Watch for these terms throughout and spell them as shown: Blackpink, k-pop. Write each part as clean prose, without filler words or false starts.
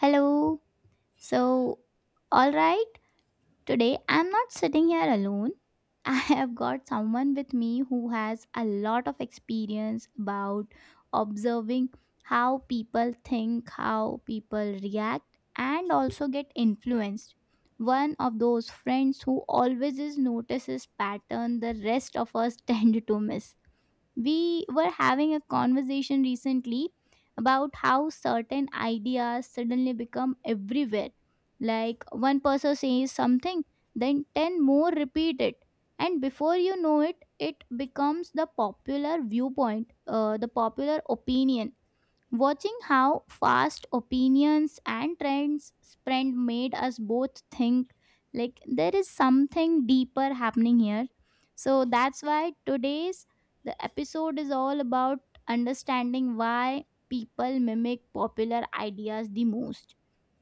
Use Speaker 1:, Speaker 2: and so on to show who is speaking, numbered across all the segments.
Speaker 1: Hello. So, all right. Today, I'm not sitting here alone. I have got someone with me who has a lot of experience about observing how people think, how people react, and also get influenced. One of those friends who always is notices pattern the rest of us tend to miss. We were having a conversation recently about how certain ideas suddenly become everywhere, like one person says something, then 10 more repeat it. And before you know it, it becomes the popular viewpoint, the popular opinion. Watching how fast opinions and trends spread made us both think like there is something deeper happening here. So that's why today's the episode is all about understanding why people mimic popular ideas the most.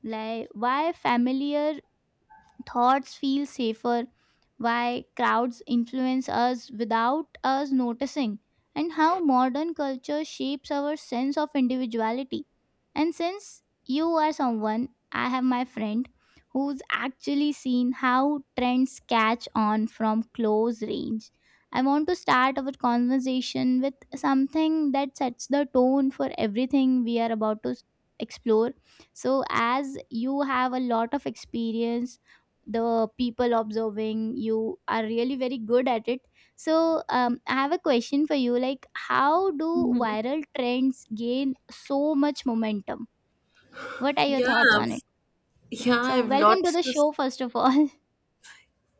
Speaker 1: Like why familiar thoughts feel safer, why crowds influence us without us noticing, and how modern culture shapes our sense of individuality. And since you are someone, I have my friend who's actually seen how trends catch on from close range. I want to start our conversation with something that sets the tone for everything we are about to explore. So, as you have a lot of experience, the people observing, you are really very good at it. So, I have a question for you, like how do
Speaker 2: Mhm.
Speaker 1: viral trends gain so much momentum? What are your
Speaker 2: Yeah,
Speaker 1: thoughts on it?
Speaker 2: I've- yeah, I
Speaker 1: So,
Speaker 2: have
Speaker 1: welcome to
Speaker 2: lots
Speaker 1: the
Speaker 2: to say.
Speaker 1: show first of all.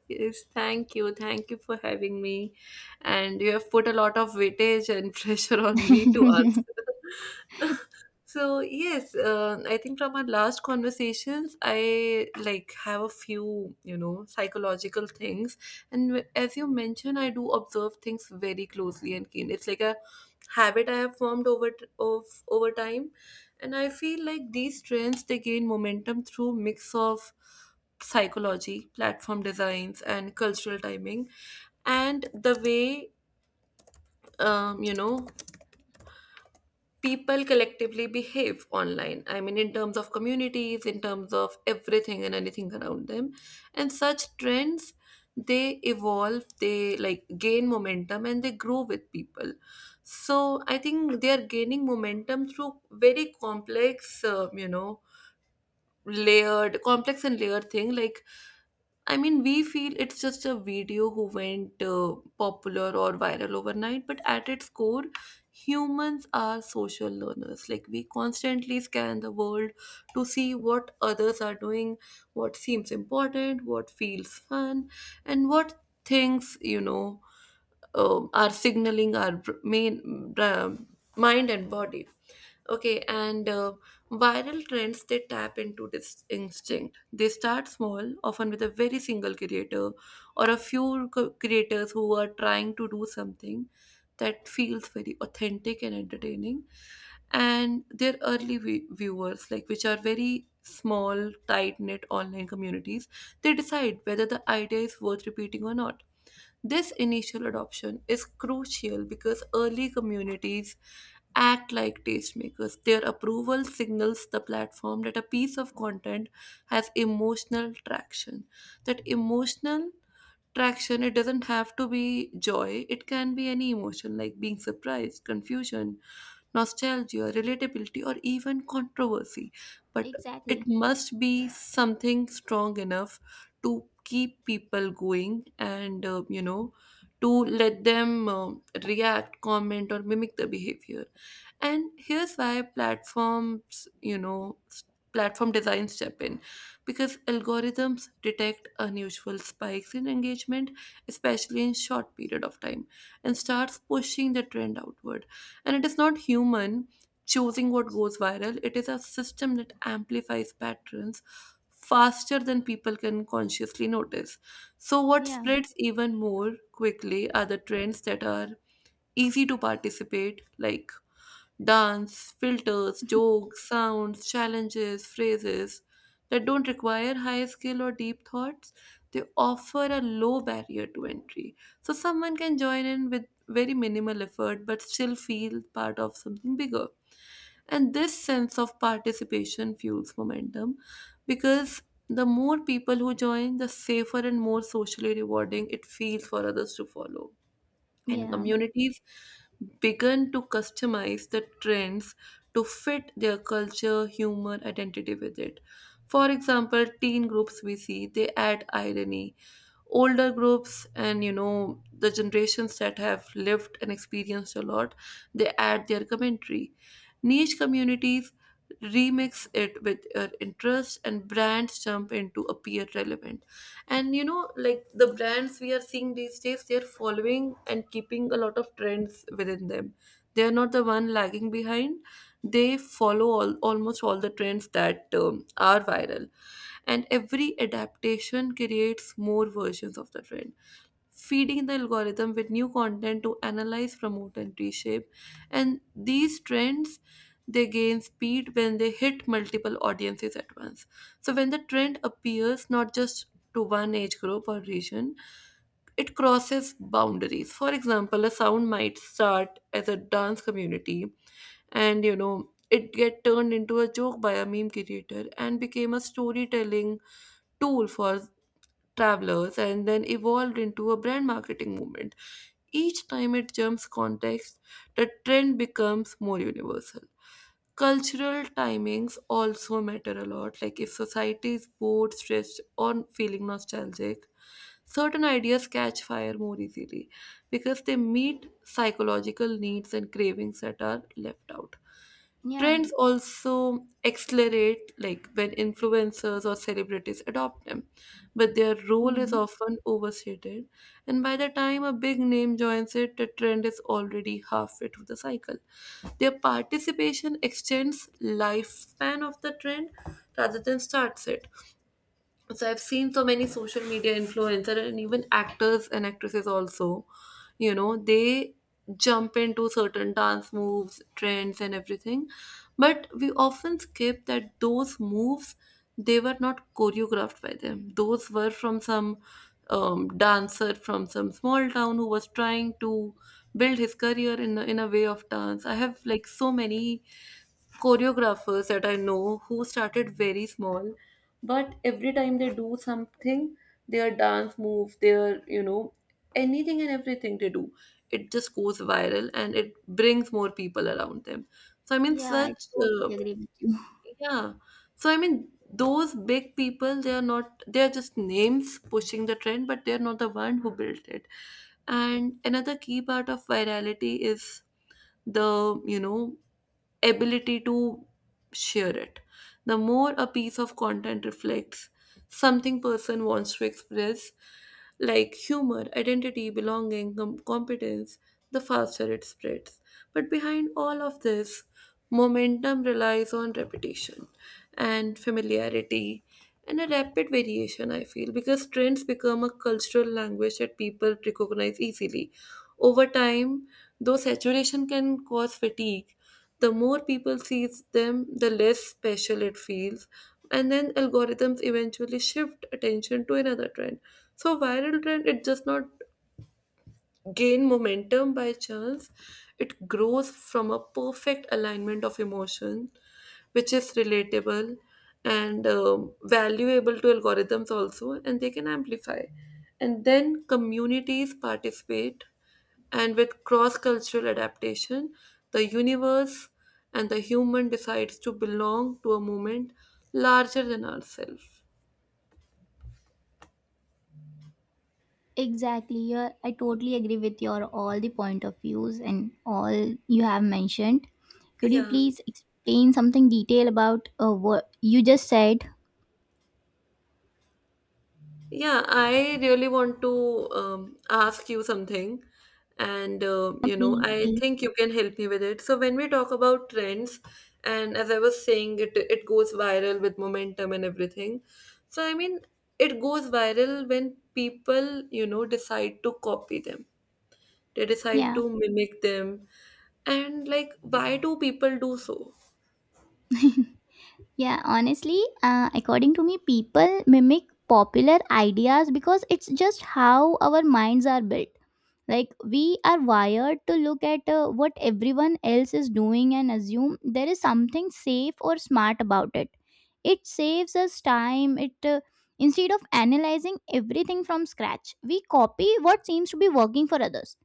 Speaker 2: Yes, thank you. Thank you for having me. And you have put a lot of weightage and pressure on me to answer. So yes, I think from our last conversations, I like have a few, you know, psychological things, and as you mentioned, I do observe things very closely and keen. It's like a habit I have formed over t- of over time, and I feel like these trends, they gain momentum through mix of psychology, platform designs, and cultural timing, and the way you know, people collectively behave online. I mean, in terms of communities, in terms of everything and anything around them. And such trends, they evolve, they like gain momentum and they grow with people. So I think they are gaining momentum through very complex, you know, layered, complex and layered thing. Like, I mean, we feel it's just a video who went popular or viral overnight, but at its core, humans are social learners. Like, we constantly scan the world to see what others are doing, what seems important, what feels fun, and what things, you know, are signaling our mind and body. Okay, and viral trends, they tap into this instinct. They start small, often with a very single creator or a few creators who are trying to do something that feels very authentic and entertaining. And their early viewers, like which are very small, tight knit online communities, they decide whether the idea is worth repeating or not. This initial adoption is crucial because early communities act like tastemakers. Their approval signals the platform that a piece of content has emotional traction. That emotional traction, it doesn't have to be joy, it can be any emotion like being surprised, confusion, nostalgia, relatability, or even controversy, but it
Speaker 1: Exactly.
Speaker 2: must be something strong enough to keep people going, and you know, to let them react, comment, or mimic the behavior. And here's why platforms, you know, platform design step in, because algorithms detect unusual spikes in engagement, especially in short period of time, and starts pushing the trend outward. And it is not human choosing what goes viral, it is a system that amplifies patterns faster than people can consciously notice. So what
Speaker 1: Yeah,
Speaker 2: spreads even more quickly are the trends that are easy to participate, like dance, filters, jokes, sounds, challenges, phrases that don't require high skill or deep thoughts. They offer a low barrier to entry. So someone can join in with very minimal effort but still feel part of something bigger. And this sense of participation fuels momentum, because the more people who join, the safer and more socially rewarding it feels for others to follow. And
Speaker 1: yeah,
Speaker 2: communities began to customize the trends to fit their culture, humor, identity with it. For example, teen groups we see, they add irony, older groups and you know, the generations that have lived and experienced a lot, they add their commentary. Niche communities remix it with your interest, and brands jump into appear relevant. And you know, like, the brands we are seeing these days, they're following and keeping a lot of trends within them, they are not the one lagging behind. They follow all, almost all the trends that are viral. And every adaptation creates more versions of the trend, feeding the algorithm with new content to analyze, promote, and reshape. And these trends, they gain speed when they hit multiple audiences at once. So when the trend appears not just to one age group or region, it crosses boundaries. For example, a sound might start as a dance community, and you know, it get turned into a joke by a meme creator and became a storytelling tool for travelers, and then evolved into a brand marketing movement. Each time it jumps context, the trend becomes more universal. Cultural timings also matter a lot. Like, if society is bored, stressed, or feeling nostalgic, certain ideas catch fire more easily because they meet psychological needs and cravings that are left out.
Speaker 1: yeah.
Speaker 2: Trends also accelerate like when influencers or celebrities adopt them, but their role is
Speaker 1: Hmm.
Speaker 2: often overstated. And by the time a big name joins it, the trend is already halfway through the cycle. Their participation extends lifespan of the trend rather than starts it. So I've seen so many social media influencer and even actors and actresses also, you know, they jump into certain dance moves, trends, and everything, but we often skip that those moves, they were not choreographed by them. Those were from some dancer from some small town who was trying to build his career in in a way of dance. I have like so many choreographers that I know who started very small, but every time they do something, their dance move, their, you know, anything and everything they do, it just goes viral and it brings more people around them. So, I mean,
Speaker 1: Yeah, I
Speaker 2: such, uh,
Speaker 1: totally agree with you.
Speaker 2: yeah. So, I mean, those big people, they are not, they are just names pushing the trend, but they're not the one who built it. And another key part of virality is the, you know, ability to share it. The more a piece of content reflects something person wants to express, like humor, identity, belonging, competence, the faster it spreads. But behind all of this, momentum relies on repetition and familiarity and a rapid variation, I feel, because trends become a cultural language that people recognize easily over time. Though saturation can cause fatigue, the more people sees them, the less special it feels. And then algorithms eventually shift attention to another trend. So viral trend, it does not gain momentum by chance, it grows from a perfect alignment of emotion, which is relatable and valuable to algorithms also, and they can amplify. And then communities participate, and with cross cultural adaptation, the universe and the human decides to belong to a movement larger than ourselves.
Speaker 1: Exactly. I totally agree with your all the point of views and all you have mentioned. Could you
Speaker 2: Yeah.
Speaker 1: please explain something detail about what you just said?
Speaker 2: Yeah, I really want to ask you something, and you know,
Speaker 1: Please,
Speaker 2: I
Speaker 1: please.
Speaker 2: think you can help me with it. So when we talk about trends, and as I was saying, it goes viral with momentum and everything. So I mean, it goes viral when people, you know, decide to copy them. They decide
Speaker 1: Yeah.
Speaker 2: to mimic them, and like, why do people do so?
Speaker 1: Yeah, honestly, according to me, people mimic popular ideas because it's just how our minds are built. Like, we are wired to look at what everyone else is doing and assume there is something safe or smart about it. It saves us time. It Instead of analyzing everything from scratch, we copy what seems to be working for others.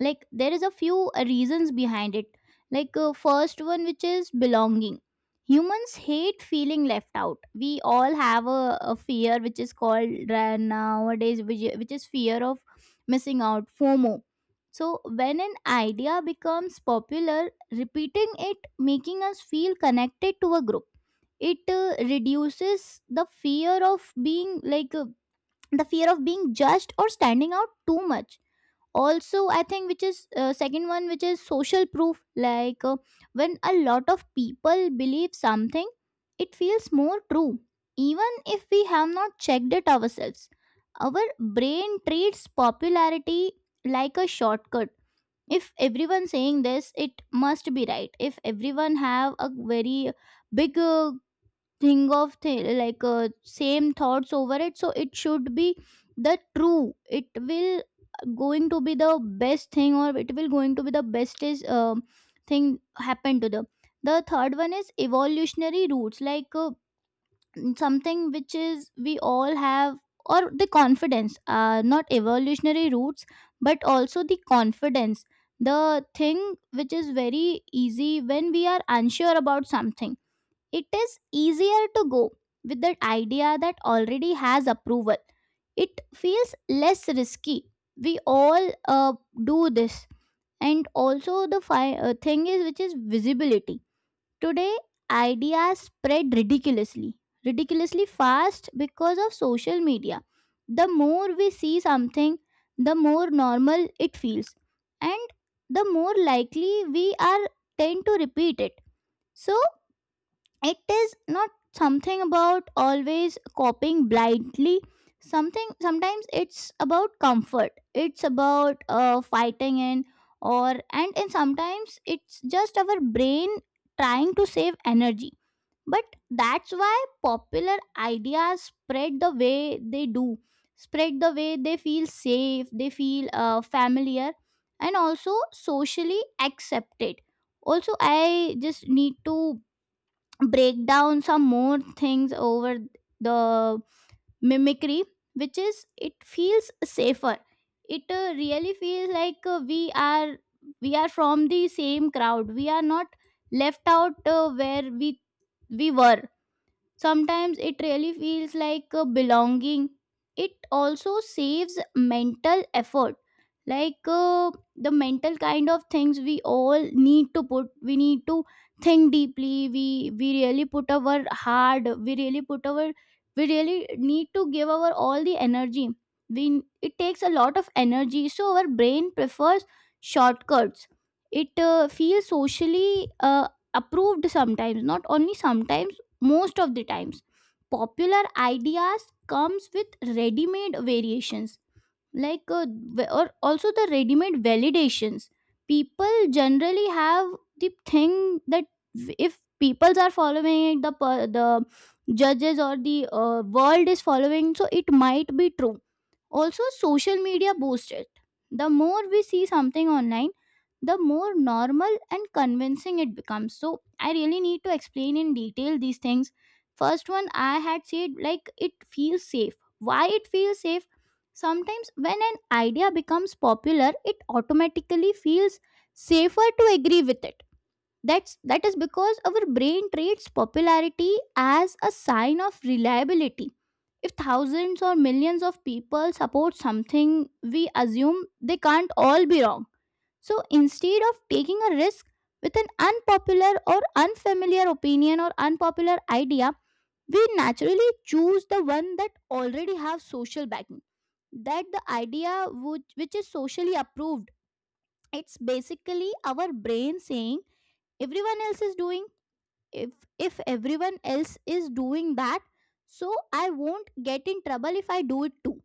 Speaker 1: Like, there is a few reasons behind it. Like, first one, which is belonging. Humans hate feeling left out. We all have a fear which is called nowadays, which is fear of missing out, fomo. So when an idea becomes popular, repeating it making us feel connected to a group, it reduces the fear of being judged or standing out too much. Also, I think, which is second one, which is social proof. Like, when a lot of people believe something, it feels more true even if we have not checked it ourselves. Our brain treats popularity like a shortcut. If everyone saying this, it must be right. If everyone have a very big, think of like, same thoughts over it, so it should be the true. It will going to be the best thing, or it will going to be the bestest thing happen to them. The third one is evolutionary roots. Like, something which is we all have, or the confidence, not evolutionary roots but also the confidence, the thing which is very easy. When we are unsure about something, it is easier to go with the idea that already has approval. It feels less risky. We all do this. And also, the thing is, which is visibility. Today, ideas spread ridiculously fast because of social media. The more we see something, the more normal it feels. And the more likely we are tend to repeat it. So it is not something about always copying blindly, something sometimes it's about comfort, it's about fighting in, or and sometimes it's just our brain trying to save energy. But that's why popular ideas spread the way they do, spread the way they feel safe, they feel familiar, and also socially accepted. Also, I just need to break down some more things over the mimicry, which is it feels safer. It really feels like, we are from the same crowd, we are not left out, where we were. Sometimes it really feels like, belonging. It also saves mental effort. Like, the mental kind of things we all need to put, we need to think deeply, we really put our hard, we really put our, we really need to give our all the energy, we it takes a lot of energy. So our brain prefers shortcuts. It feels socially approved sometimes, not only sometimes, most of the times. Popular ideas comes with ready made variations. Like, or also the ready made validations. People generally have the thing that, if peoples are following it, the the judges or the, world is following, so it might be true. Also, social media boosts it. The more we see something online, the more normal and convincing it becomes. So I really need to explain in detail these things. First one I had said, like it feels safe. Why it feels safe? Sometimes when an idea becomes popular, it automatically feels safer to agree with it. That is because our brain treats popularity as a sign of reliability. If thousands or millions of people support something, we assume they can't all be wrong. So instead of taking a risk with an unpopular or unfamiliar opinion or unpopular idea, we naturally choose the one that already have social backing. That the idea which is socially approved. It's basically our brain saying, everyone else is doing if if everyone else is doing that, so I won't get in trouble if I do it too.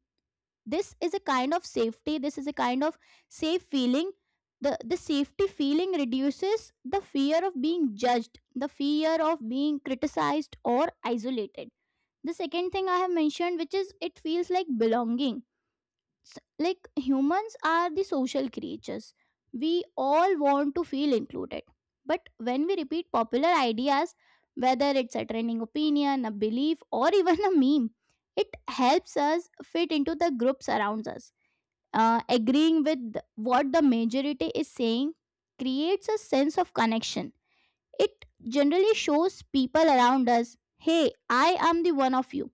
Speaker 1: This is a kind of safety, this is a kind of safe feeling. The safety feeling reduces the fear of being judged, the fear of being criticized or isolated. The second thing I have mentioned, which is it feels like belonging. S- like, humans are the social creatures, we all want to feel included. But when we repeat popular ideas, whether it's a trending opinion, a belief, or even a meme, it helps us fit into the groups around us. Agreeing with what the majority is saying creates a sense of connection. It generally shows people around us, hey, I am the one of you.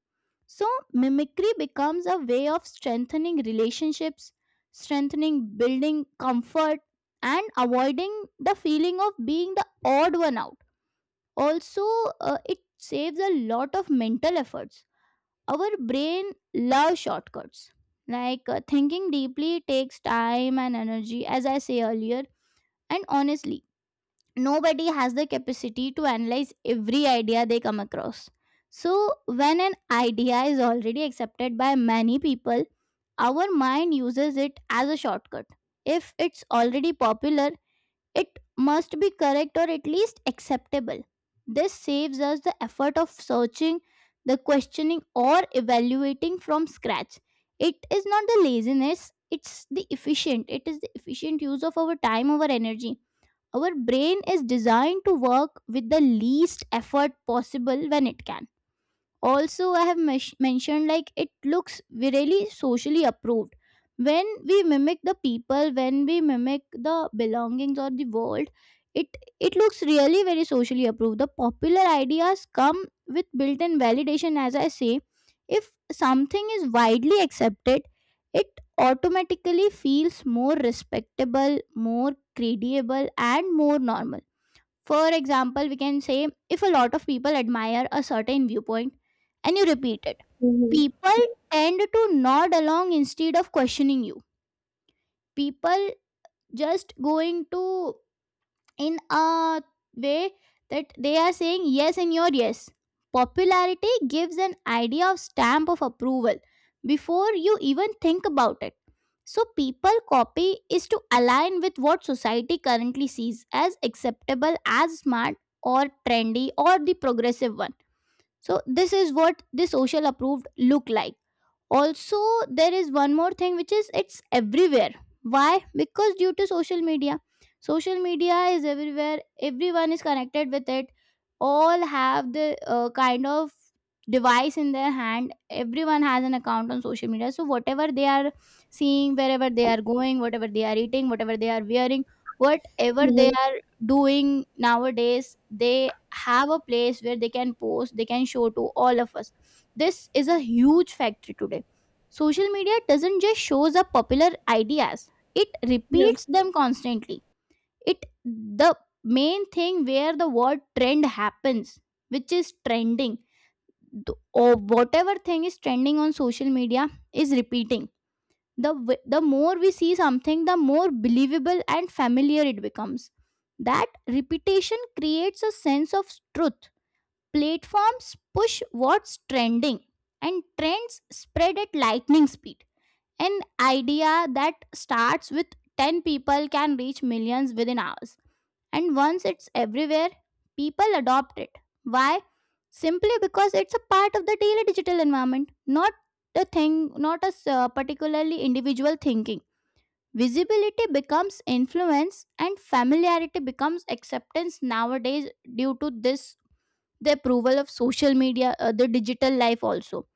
Speaker 1: So, mimicry becomes a way of strengthening relationships, strengthening building comfort, and avoiding the feeling of being the odd one out. Also, it saves a lot of mental efforts. Our brain loves shortcuts. Like, thinking deeply takes time and energy, as I say earlier. And honestly, nobody has the capacity to analyze every idea they come across. So, when an idea is already accepted by many people, our mind uses it as a shortcut. If it's already popular, it must be correct or at least acceptable. This saves us the effort of searching, the questioning, or evaluating from scratch. It is not the laziness, it's the efficient. It is the efficient use of our time, our energy. Our brain is designed to work with the least effort possible when it can. Also, I have mentioned, like it looks really socially approved. When we mimic the people, when we mimic the belongings or the world, it looks really very socially approved. The popular ideas come with built-in validation, as I say. If something is widely accepted, it automatically feels more respectable, more credible, and more normal. For example, we can say if a lot of people admire a certain viewpoint and you repeat it,
Speaker 2: Mm-hmm. Mm-hmm.
Speaker 1: people tend to nod along instead of questioning you. People just going to in a way that they are saying yes in your yes. Popularity gives an idea of stamp of approval before you even think about it. So, people copy is to align with what society currently sees as acceptable, as smart, or trendy, or the progressive one. So, this is what the social approved look like. Also, there is one more thing, which is it's everywhere. Why? Because due to social media. Social media is everywhere, everyone is connected with it. All have the, kind of device in their hand, everyone has an account on social media. So whatever they are seeing, wherever they are going, whatever they are eating, whatever they are wearing, whatever
Speaker 2: Yeah.
Speaker 1: they are doing nowadays, they have a place where they can post, they can show to all of us. This is a huge factory today. Social media doesn't just shows up popular ideas, it
Speaker 2: Mhm.
Speaker 1: repeats them constantly. It The main thing where the word trend happens, which is trending. Or whatever thing is trending on social media is repeating. The more we see something, the more believable and familiar it becomes. That repetition creates a sense of truth. Platforms push what's trending, and trends spread at lightning speed. An idea that starts with 10 people can reach millions within hours. And once it's everywhere, people adopt it. Why? Simply because it's a part of the daily digital environment, not a thing, not particularly individual thinking. Visibility becomes influence, and familiarity becomes acceptance nowadays due to this, the approval of social media, the digital life also,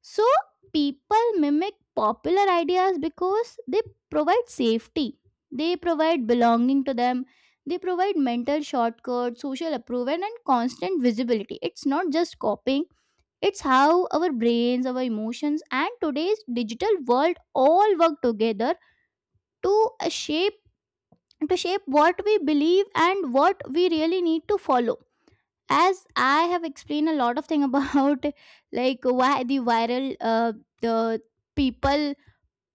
Speaker 1: so people mimic popular ideas because they provide safety, they provide belonging to them, they provide mental shortcuts, social approval, and constant visibility. It's not just copying, it's how our brains, our emotions, and today's digital world all work together to shape to shape what we believe and what we really need to follow, as I have explained a lot of thing about like why the viral the people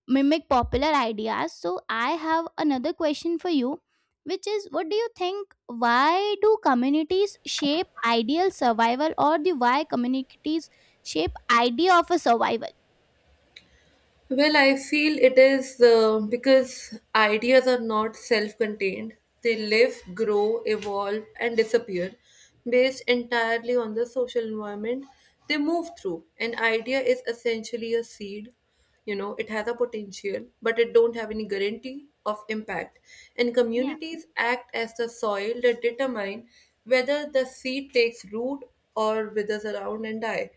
Speaker 1: mimic popular ideas. So I have another question for you, which is, what do you think? Why do communities shape ideal survival, or the why communities shape idea of a survival?
Speaker 2: Well, I feel it is because ideas are not self contained. They live, grow, evolve, and disappear based entirely on the social environment they move through. An idea is essentially a seed. You know, it has a potential, but it don't have any guarantee of impact. And
Speaker 1: Yeah,
Speaker 2: communities act as the soil that determine whether the seed takes root or withers around and die.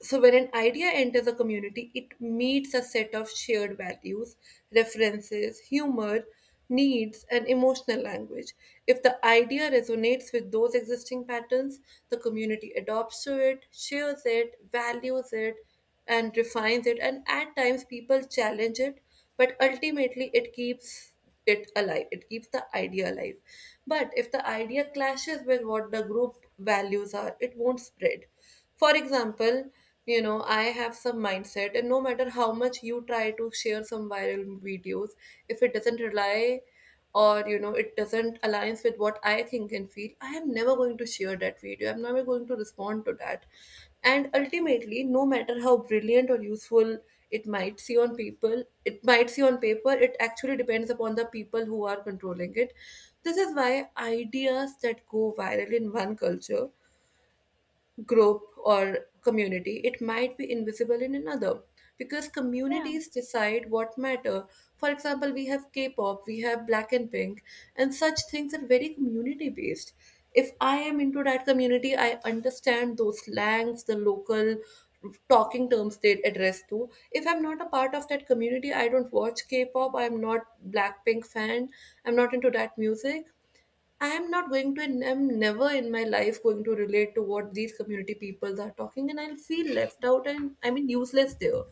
Speaker 2: So, when an idea enters a community, it meets a set of shared values, references, humor, needs, and emotional language. If the idea resonates with those existing patterns, the community adopts to it, shares it, values it, and refines it. And at times, people challenge it, but ultimately, it keeps it alive. It keeps the idea alive. But if the idea clashes with what the group values are, it won't spread. For example, you know, I have some mindset, and no matter how much you try to share some viral videos, if it doesn't rely or you know, it doesn't aligns with what I think and feel, I am never going to share that video. I'm never going to respond to that. And ultimately, no matter how brilliant or useful it might see on people, it might see on paper, it actually depends upon the people who are controlling it. This is why ideas that go viral in one culture group or community, it might be invisible in another, because
Speaker 1: yeah,
Speaker 2: communities decide what matter. For example, we have K-pop, we have Black and Pink, and such things are very community based. If I am into that community, I understand those slangs, the local talking terms they address to. If I'm not a part of that community, I don't watch K-pop, I'm not Blackpink fan, I'm not into that music. I am not going to, and I'm never in my life going to relate to what these community peoples are talking, and I'll feel left out and I mean useless there.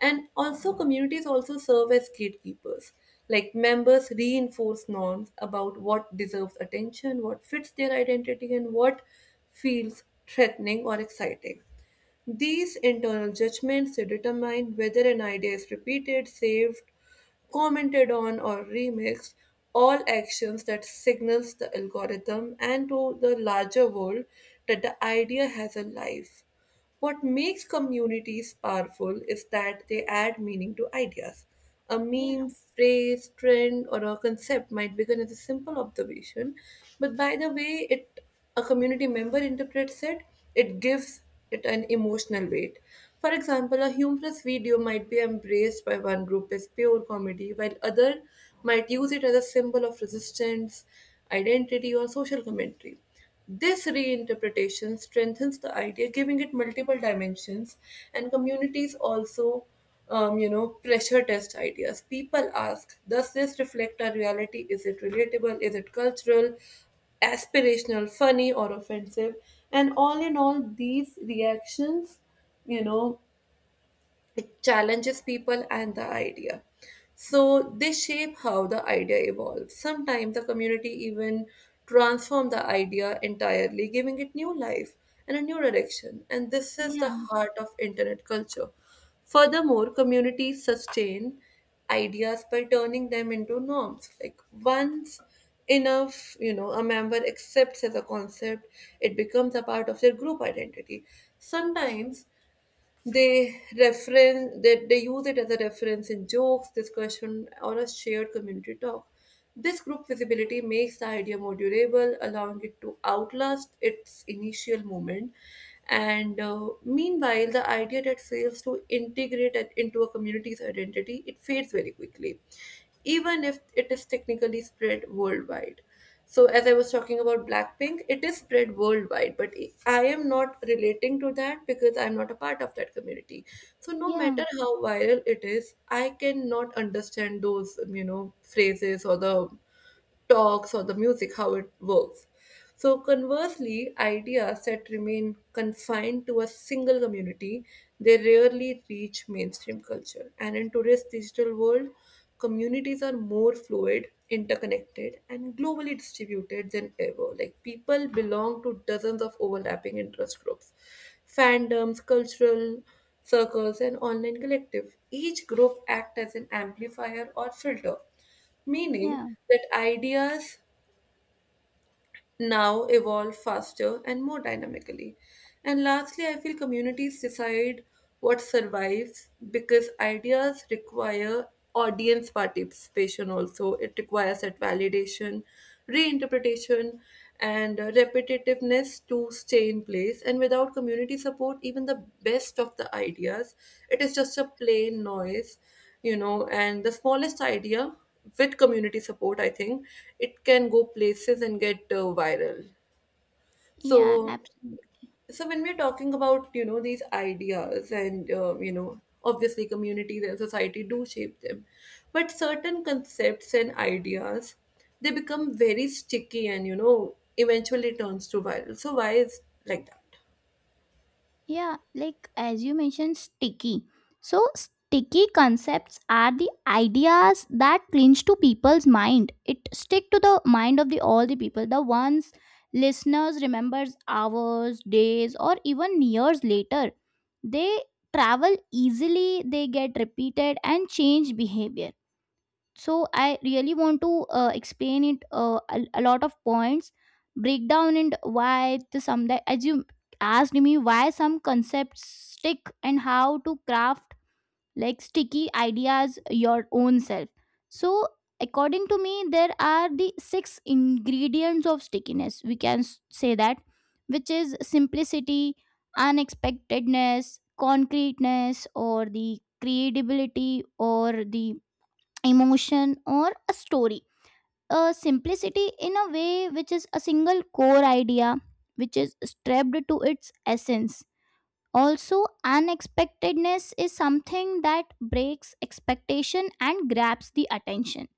Speaker 2: And also, communities also serve as gatekeepers. Like, members reinforce norms about what deserves attention, what fits their identity, and what feels threatening or exciting. These internal judgments determine whether an idea is repeated, saved, commented on, or remixed, all actions that signals the algorithm and to the larger world that the idea has a life. What makes communities powerful is that they add meaning to ideas. A
Speaker 1: yeah,
Speaker 2: meme, phrase, trend, or a concept might begin as a simple observation, but by the way it a community member interprets it, it gives it an emotional weight. For example, a humorous video might be embraced by one group as pure comedy, while other might use it as a symbol of resistance, identity, or social commentary. This reinterpretation strengthens the idea, giving it multiple dimensions, and communities also, you know, pressure test ideas. People ask, does this reflect our reality? Is it relatable? Is it cultural, aspirational, funny, or offensive? And all in all, these reactions, you know, it challenges people and the idea. So they shape how the idea evolves. Sometimes the community even transform the idea entirely, giving it new life and a new direction. And this is the
Speaker 1: yeah,
Speaker 2: heart of internet culture. Furthermore, communities sustain ideas by turning them into norms. Like, once enough, you know, a member accepts as a concept, it becomes a part of their group identity. Sometimes they reference they use it as a reference in jokes, discussion, or a shared community talk. This group visibility makes the idea more durable, allowing it to outlast its initial moment. And meanwhile, the idea that fails to integrate it into a community's identity, it fades very quickly, even if it is technically spread worldwide. So, as I was talking about Blackpink, it is spread worldwide, but I am not relating to that because I'm not a part of that community. So, no
Speaker 1: yeah,
Speaker 2: matter how viral it is, I cannot understand those, you know, phrases or the talks or the music, how it works. So, conversely, ideas that remain confined to a single community, they rarely reach mainstream culture. And in today's digital world, communities are more fluid, interconnected, and globally distributed than ever. Like, people belong to dozens of overlapping interest groups, fandoms, cultural circles, and online collective. Each group act as an amplifier or filter, meaning
Speaker 1: yeah,
Speaker 2: that ideas now evolve faster and more dynamically. And lastly, I feel communities decide what survives because ideas require audience participation also. It requires that validation, reinterpretation, and repetitiveness to stay in place. And without community support, even the best of the ideas, it is just a plain noise, you know, and the smallest idea with community support, I think it can go places and get viral.
Speaker 1: yeah.
Speaker 2: So,
Speaker 1: Absolutely.
Speaker 2: so when we're talking about, you know, these ideas and you know, obviously communities and society do shape them, but certain concepts and ideas, they become very sticky and you know, eventually turns to viral. So why is like that?
Speaker 1: Yeah, like as you mentioned, sticky. So, sticky concepts are the ideas that clinch to people's mind. It stick to the mind of the all the people, the ones listeners remembers hours, days, or even years later. They travel easily, they get repeated and change behavior, so I really want to explain it, a lot of points, break down and why the some that, as you asked me, why some concepts stick and how to craft like sticky ideas your own self. So, according to me, there are the six ingredients of stickiness, we can say that, which is simplicity, unexpectedness, concreteness, or the credibility, or the emotion, or a story. A simplicity in a way, which is a single core idea which is strapped to its essence. Also, unexpectedness is something that breaks expectation and grabs the attention.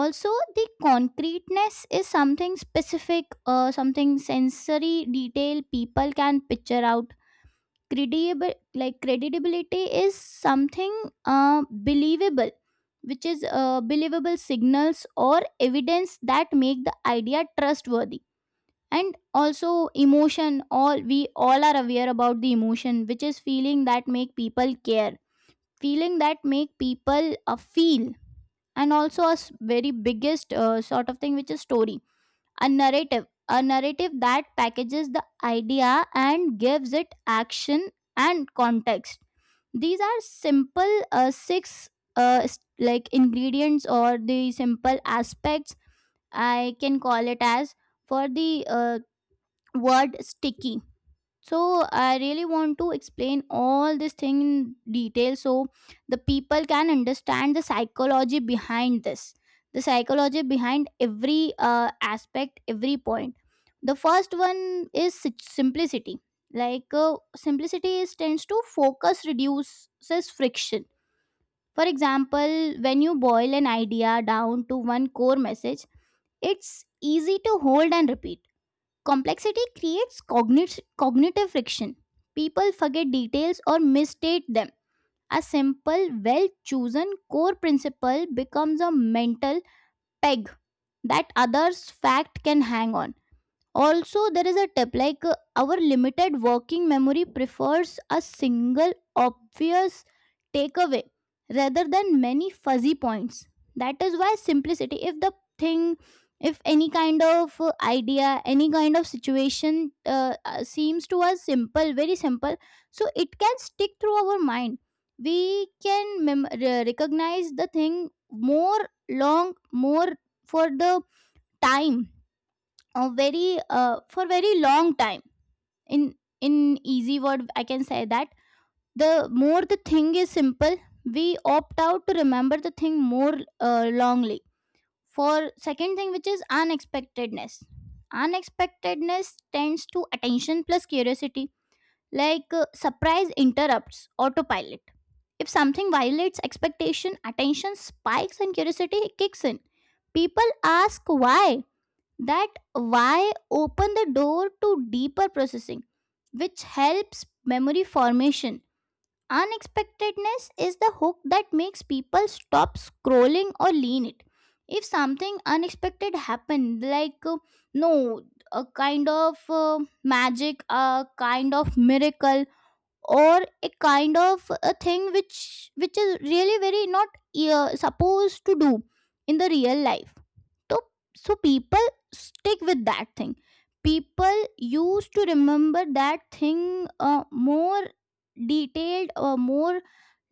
Speaker 1: Also, the concreteness is something specific, something sensory detail people can picture out. Credible, like credibility, is something believable, which is believable signals or evidence that make the idea trustworthy. And also emotion, all we all are aware about the emotion, which is feeling that make people care, feeling that make people feel. And also a very biggest sort of thing, which is story, a narrative, a narrative that packages the idea and gives it action and context. These are simple six like ingredients or the simple aspects, I can call it as, for the word sticky. So I really want to explain all this thing in detail, so the people can understand the psychology behind this, the psychology behind every aspect, every point. The first one is simplicity. Like, simplicity is tends to focus, reduces friction. For example, when you boil an idea down to one core message, it's easy to hold and repeat. Complexity creates cognitive friction. People forget details or misstate them. A simple, well chosen core principle becomes a mental peg that others' fact can hang on. Also, there is a tip, like, our limited working memory prefers a single obvious takeaway rather than many fuzzy points. That is why simplicity, if the thing, if any kind of idea, any kind of situation seems to us simple, very simple, so it can stick through our mind. We can recognize the thing more long, more, for the time, a very for very long time. In in easy word, I can say that the more the thing is simple, we opt out to remember the thing more, longly. For second thing, which is unexpectedness. Unexpectedness tends to attention plus curiosity. Like, surprise interrupts autopilot. If something violates expectation, attention spikes and curiosity kicks in. People ask why. That why open the door to deeper processing, which helps memory formation. Unexpectedness is the hook that makes people stop scrolling or lean it. If something unexpected happened, like, no, a kind of magic, a kind of miracle, or a kind of a thing which is really very not supposed to do in the real life. So, so people stick with that thing. People used to remember that thing, more detailed or more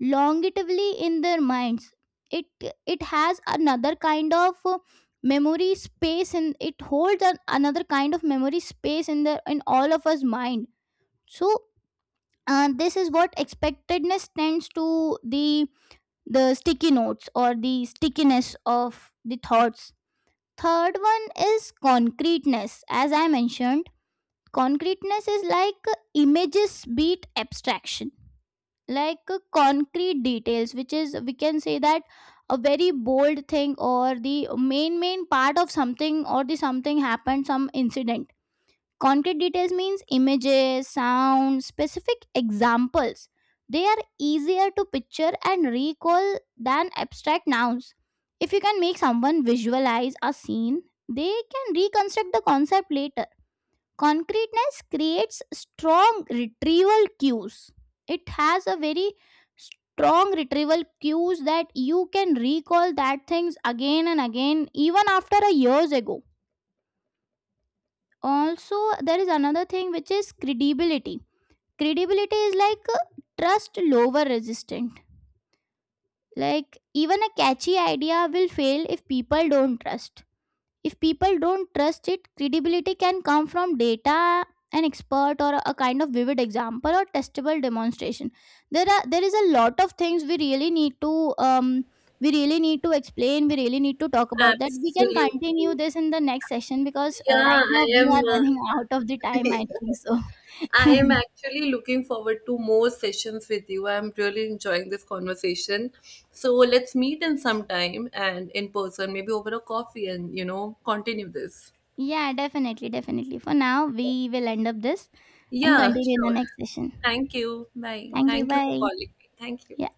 Speaker 1: longevely in their minds. it it has another kind of memory space, and it holds another kind of memory space in the in all of us mind. So, this is what expectedness tends to the sticky notes or the stickiness of the thoughts. Third one is concreteness, as I mentioned. Concreteness is like, images beat abstraction. Like, concrete details, which is, we can say that, a very bold thing, or the main part of something, or the something happened, some incident. Concrete details means images, sound, specific examples. They are easier to picture and recall than abstract nouns. If you can make someone visualize a scene, they can reconstruct the concept later. Concreteness creates strong retrieval cues. It has a very strong retrieval cues that you can recall that things again and again, even after a years ago. Also, there is another thing, which is credibility. Credibility is like, trust lower resistant. Like, even a catchy idea will fail if people don't trust, if people don't trust it. Credibility can come from data, an expert, or a kind of vivid example, or testable demonstration. There are, there is a lot of things we really need to we really need to explain. We really need to talk about that. We can continue
Speaker 2: Absolutely.
Speaker 1: this in the next session, because
Speaker 2: Yeah,
Speaker 1: right now
Speaker 2: I
Speaker 1: we
Speaker 2: am.
Speaker 1: are running out of the time, I think so.
Speaker 2: I am actually looking forward to more sessions with you. I'm really enjoying this conversation. So let's meet in some time and in person, maybe over a coffee and, you know, continue this.
Speaker 1: Yeah, definitely, definitely. For now, we will end up this and
Speaker 2: Yeah,
Speaker 1: continue in the
Speaker 2: sure.
Speaker 1: next session.
Speaker 2: Thank you. Bye.
Speaker 1: Thank you.
Speaker 2: Thank you for
Speaker 1: Bye.
Speaker 2: calling me. Thank you.
Speaker 1: Yeah.